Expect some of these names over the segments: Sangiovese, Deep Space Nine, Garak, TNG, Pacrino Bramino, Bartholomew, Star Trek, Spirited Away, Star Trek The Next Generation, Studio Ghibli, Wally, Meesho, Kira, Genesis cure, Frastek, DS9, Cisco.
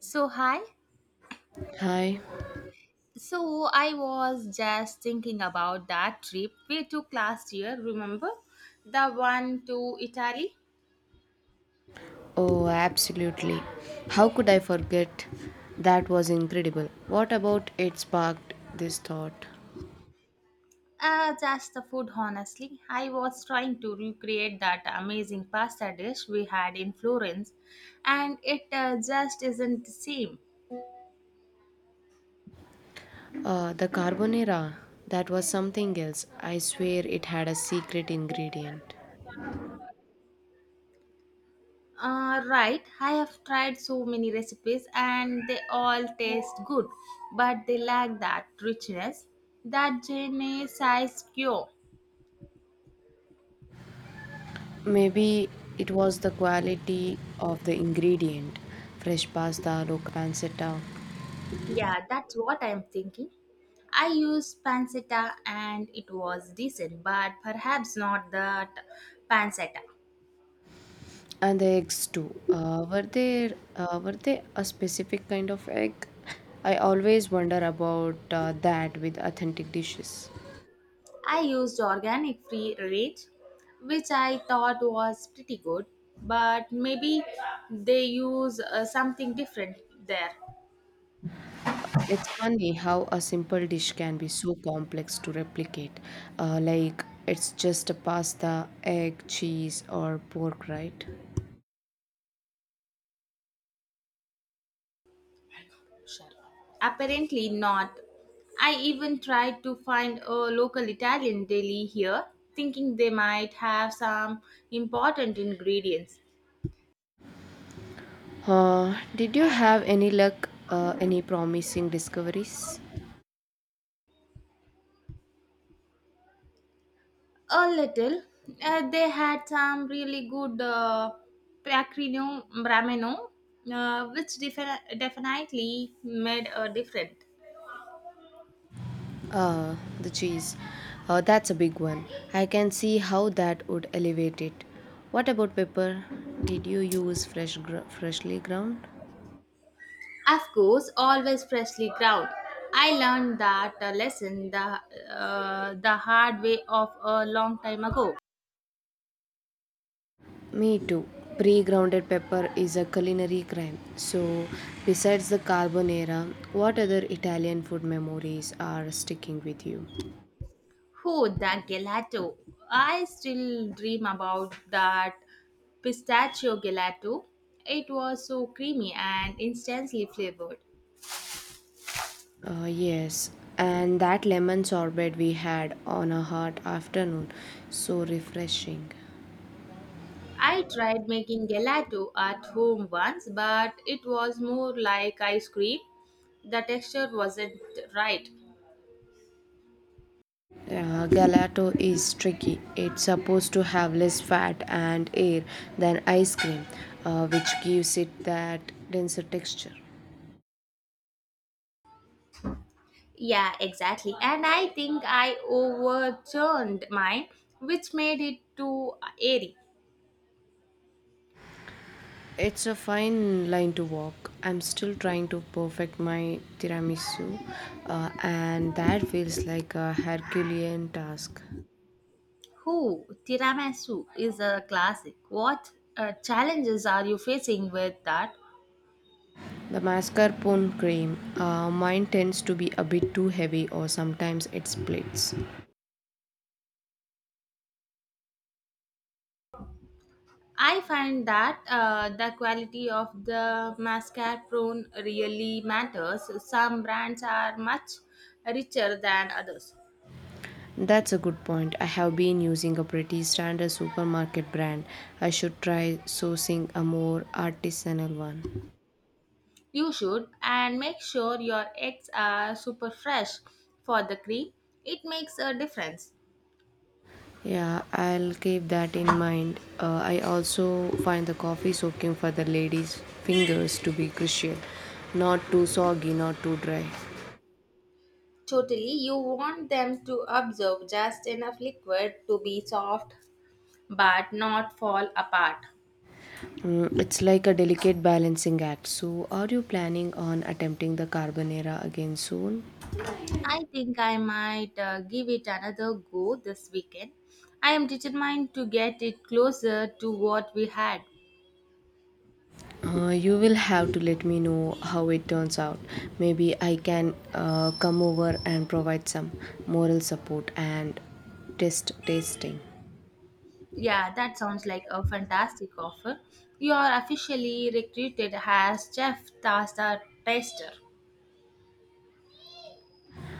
So, hi. Hi. So, I was just thinking about that trip we took last year, remember? The one to Italy? Oh, absolutely. How could I forget? That was incredible. What about it sparked this thought? Just the food, honestly. I was trying to recreate that amazing pasta dish we had in Florence, and it just isn't the same. The carbonara. That was something else. I swear it had a secret ingredient. Right, I have tried so many recipes and they all taste good, but they lack that richness, that Genesis cure. Maybe it was the quality of the ingredient. Fresh pasta, local pancetta, Yeah, that's what I'm thinking. I used pancetta and it was decent, but perhaps not that pancetta. and the eggs too. Were they a specific kind of egg? I always wonder about that with authentic dishes. I used organic free range, which I thought was pretty good, but maybe they use something different there. It's funny how a simple dish can be so complex to replicate. Like it's just a pasta, egg, cheese, or pork, right? Sure. Apparently not. I even tried to find a local Italian deli here, thinking they might have some important ingredients. Did you have any luck? Any promising discoveries? A little. They had some really good Pacrino Bramino, definitely made a difference. The cheese. That's a big one. I can see how that would elevate it. What about pepper? Did you use freshly ground? Of course, always freshly ground. I learned that lesson the hard way of a long time ago. Me too. Pre grounded pepper is a culinary crime. So, besides the carbonara, what other Italian food memories are sticking with you? Oh, the gelato. I still dream about that pistachio gelato. It was so creamy and instantly flavored. Yes, and that lemon sorbet we had on a hot afternoon. So refreshing. I tried making gelato at home once, but it was more like ice cream. The texture wasn't right. Gelato is tricky. It's supposed to have less fat and air than ice cream, which gives it that denser texture. Yeah, exactly. And I think I overturned mine, which made it too airy. It's a fine line to walk. I'm still trying to perfect my tiramisu, and that feels like a Herculean task. Who tiramisu is a classic. What challenges are you facing with that? The mascarpone cream, mine tends to be a bit too heavy, or sometimes it splits. I find that the quality of the mascarpone really matters. Some brands are much richer than others. That's a good point. I have been using a pretty standard supermarket brand. I should try sourcing a more artisanal one. You should, and make sure your eggs are super fresh for the cream. It makes a difference. Yeah, I'll keep that in mind. I also find the coffee soaking for the lady's fingers to be crucial. Not too soggy, not too dry. Totally, you want them to absorb just enough liquid to be soft but not fall apart. Mm, it's like a delicate balancing act. So, are you planning on attempting the carbonara again soon? I think I might give it another go this weekend. I am determined to get it closer to what we had. You will have to let me know how it turns out. Maybe I can come over and provide some moral support and test tasting. Yeah, that sounds like a fantastic offer. You are officially recruited as chef pasta taster.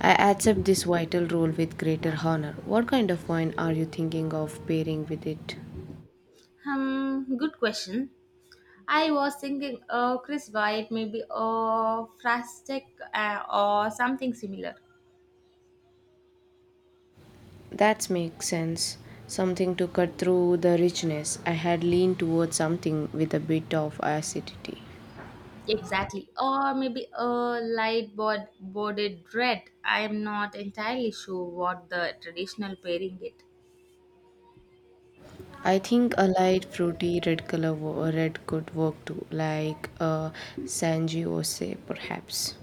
I accept this vital role with greater honor. What kind of wine are you thinking of pairing with it? Hmm, good question. I was thinking, Chris White, maybe a Frastek or something similar. That makes sense. Something to cut through the richness. I had leaned towards something with a bit of acidity. Exactly. Or maybe a light boarded red. I am not entirely sure what the traditional pairing it. I think a light fruity red could work too, like a Sangiovese perhaps.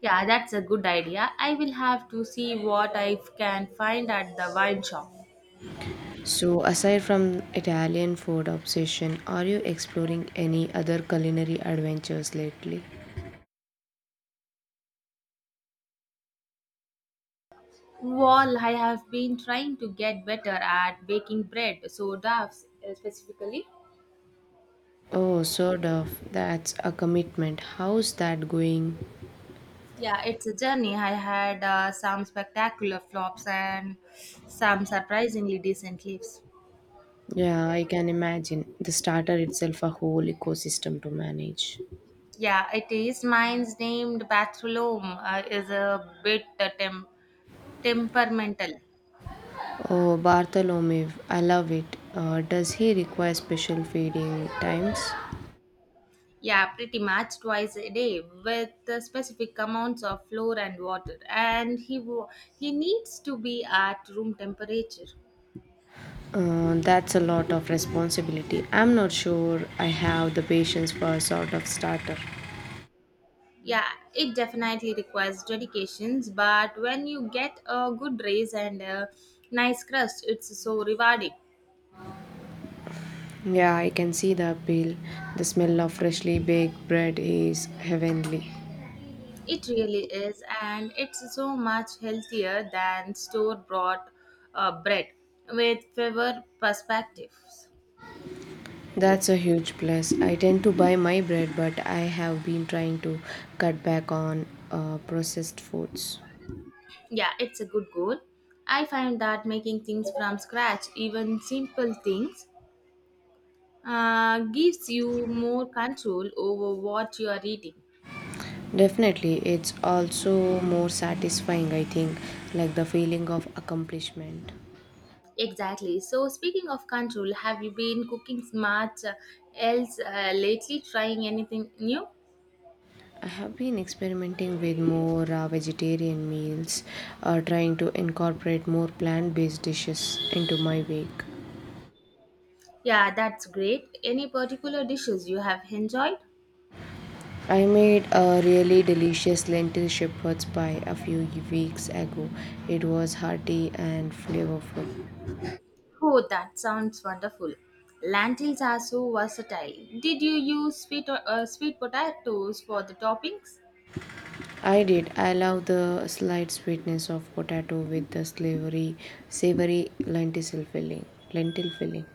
Yeah, that's a good idea. I will have to see what I can find at the wine shop. So, aside from Italian food obsession, are you exploring any other culinary adventures lately? Well, I have been trying to get better at baking bread, so doves specifically. Oh, sort of. That's a commitment. How's that going? Yeah, it's a journey. I had some spectacular flops and some surprisingly decent leaves. Yeah, I can imagine. The starter itself a whole ecosystem to manage. Yeah, it is. Mine's named Bartholomew is a bit temperamental. Oh, Bartholomew, I love it. Does he require special feeding times? Yeah, pretty much twice a day with specific amounts of flour and water, and he needs to be at room temperature. That's a lot of responsibility. I'm not sure I have the patience for a sort of starter. Yeah, it definitely requires dedications, but when you get a good raise and a nice crust, it's so rewarding. Yeah, I can see the appeal. The smell of freshly baked bread is heavenly. It really is, and it's so much healthier than store bought bread with fewer perspectives. That's a huge plus. I tend to buy my bread, but I have been trying to cut back on processed foods. Yeah, it's a good goal. I find that making things from scratch, even simple things, gives you more control over what you are eating. Definitely, it's also more satisfying, I think, like the feeling of accomplishment. Exactly. So, speaking of control, have you been cooking much else lately? Trying anything new? I have been experimenting with more vegetarian meals, trying to incorporate more plant based dishes into my week. Yeah, that's great. Any particular dishes you have enjoyed? I made a really delicious lentil shepherd's pie a few weeks ago. It was hearty and flavorful. Oh, that sounds wonderful. Lentils are so versatile. Did you use sweet or sweet potatoes for the toppings? I did. I love the slight sweetness of potato with the savory lentil filling. Lentil filling.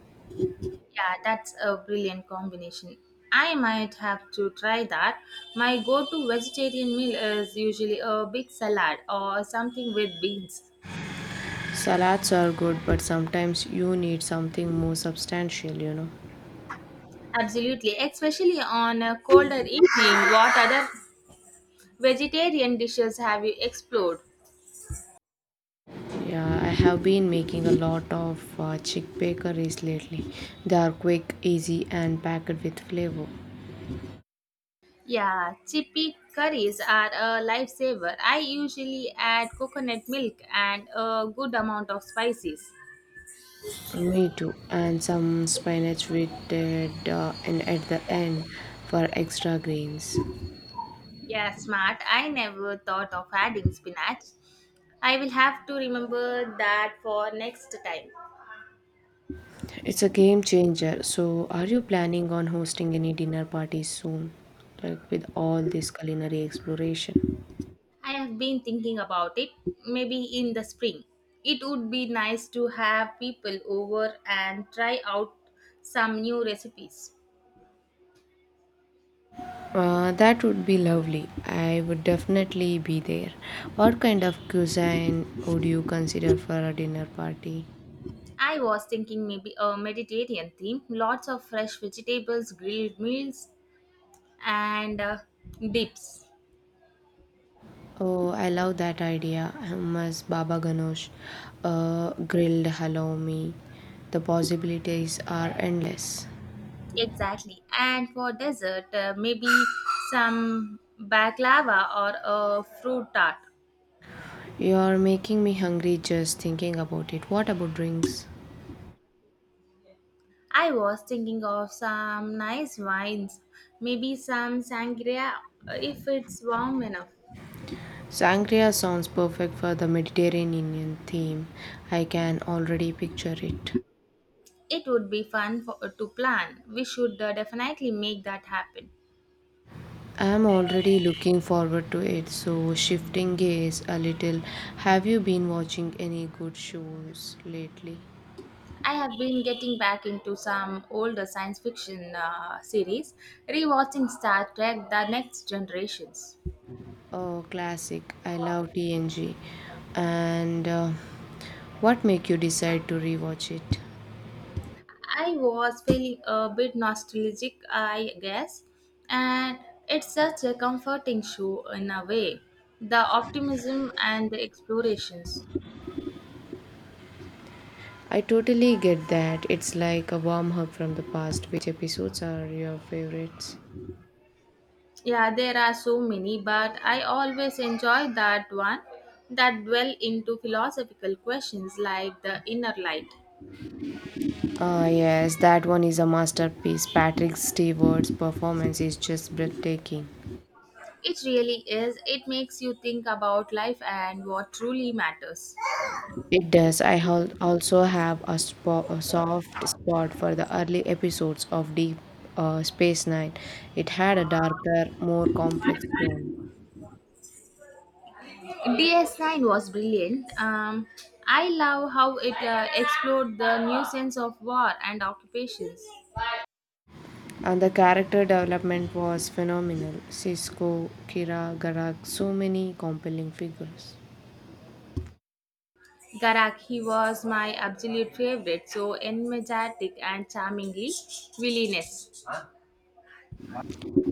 Yeah, that's a brilliant combination. I might have to try that. My go-to vegetarian meal is usually a big salad or something with beans. Salads are good, but sometimes you need something more substantial. You know. Absolutely, especially on a colder evening. What other vegetarian dishes have you explored? Yeah, I have been making a lot of chickpea curries lately. They are quick, easy, and packed with flavor. Yeah, chickpea curries are a lifesaver. I usually add coconut milk and a good amount of spices. Me too. And some spinach with it, and at the end for extra greens. Yeah, smart. I never thought of adding spinach. I will have to remember that for next time. It's a game changer. So, are you planning on hosting any dinner parties soon? Like with all this culinary exploration? I have been thinking about it, maybe in the spring. It would be nice to have people over and try out some new recipes. That would be lovely. I would definitely be there. What kind of cuisine would you consider for a dinner party? I was thinking maybe a Mediterranean theme, lots of fresh vegetables, grilled meals, and dips. Oh, I love that idea. Hummus, baba ganoush, grilled halloumi. The possibilities are endless. Exactly. And for dessert, maybe some baklava or a fruit tart. You're making me hungry just thinking about it. What about drinks? I was thinking of some nice wines, maybe some sangria if it's warm enough. Sangria sounds perfect for the Mediterranean theme. I can already picture it. It would be fun for, to plan. We should definitely make that happen. I am already looking forward to it. So, shifting gears a little, have you been watching any good shows lately? I have been getting back into some older science fiction series, rewatching Star Trek The Next Generations. Oh, classic. I love TNG. And What make you decide to rewatch it? I was feeling a bit nostalgic, I guess, and it's such a comforting show in a way. The optimism and the explorations. I totally get that. It's like a warm hug from the past. Which episodes are your favorites? Yeah, there are so many, but I always enjoy that one that dwell into philosophical questions like the inner light. Ah, yes, that one is a masterpiece. Patrick Stewart's performance is just breathtaking. It really is. It makes you think about life and what truly matters. It does. Also have a soft spot for the early episodes of Deep Space Nine. It had a darker, more complex tone. DS9 was brilliant. I love how it explored the new sense of war and occupations. And the character development was phenomenal. Cisco, Kira, Garak, so many compelling figures. Garak, he was my absolute favorite, so energetic and charmingly villainous.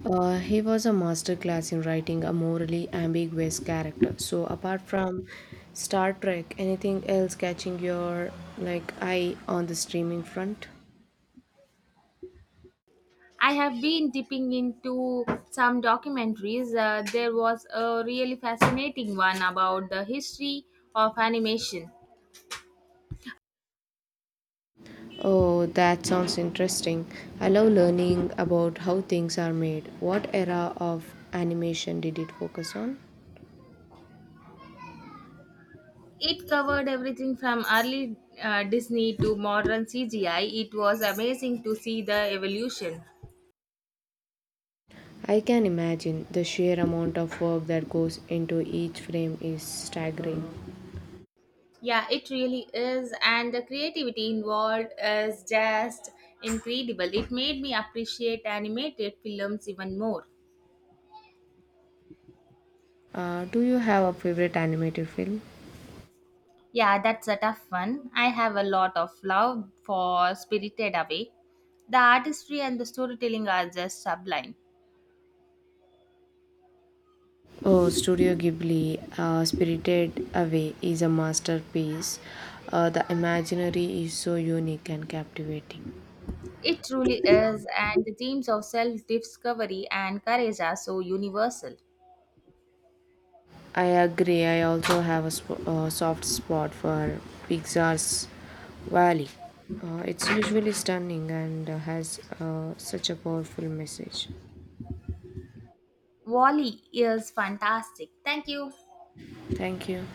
He was a master class in writing a morally ambiguous character. So apart from Star Trek, anything else catching your like eye on the streaming front? I have been dipping into some documentaries. There was a really fascinating one about the history of animation. Oh, that sounds interesting. I love learning about how things are made. What era of animation did it focus on? It covered everything from early Disney to modern CGI. It was amazing to see the evolution. I can imagine the sheer amount of work that goes into each frame is staggering. Yeah, it really is. And the creativity involved is just incredible. It made me appreciate animated films even more. Do you have a favorite animated film? Yeah, that's a tough one. I have a lot of love for Spirited Away. The artistry and the storytelling are just sublime. Oh, Studio Ghibli, Spirited Away is a masterpiece. The imaginary is so unique and captivating. It truly is, and the themes of self discovery and courage are so universal. I agree. I also have a soft spot for Pixar's Valley. It's usually stunning and has such a powerful message. Wally is fantastic. Thank you. Thank you.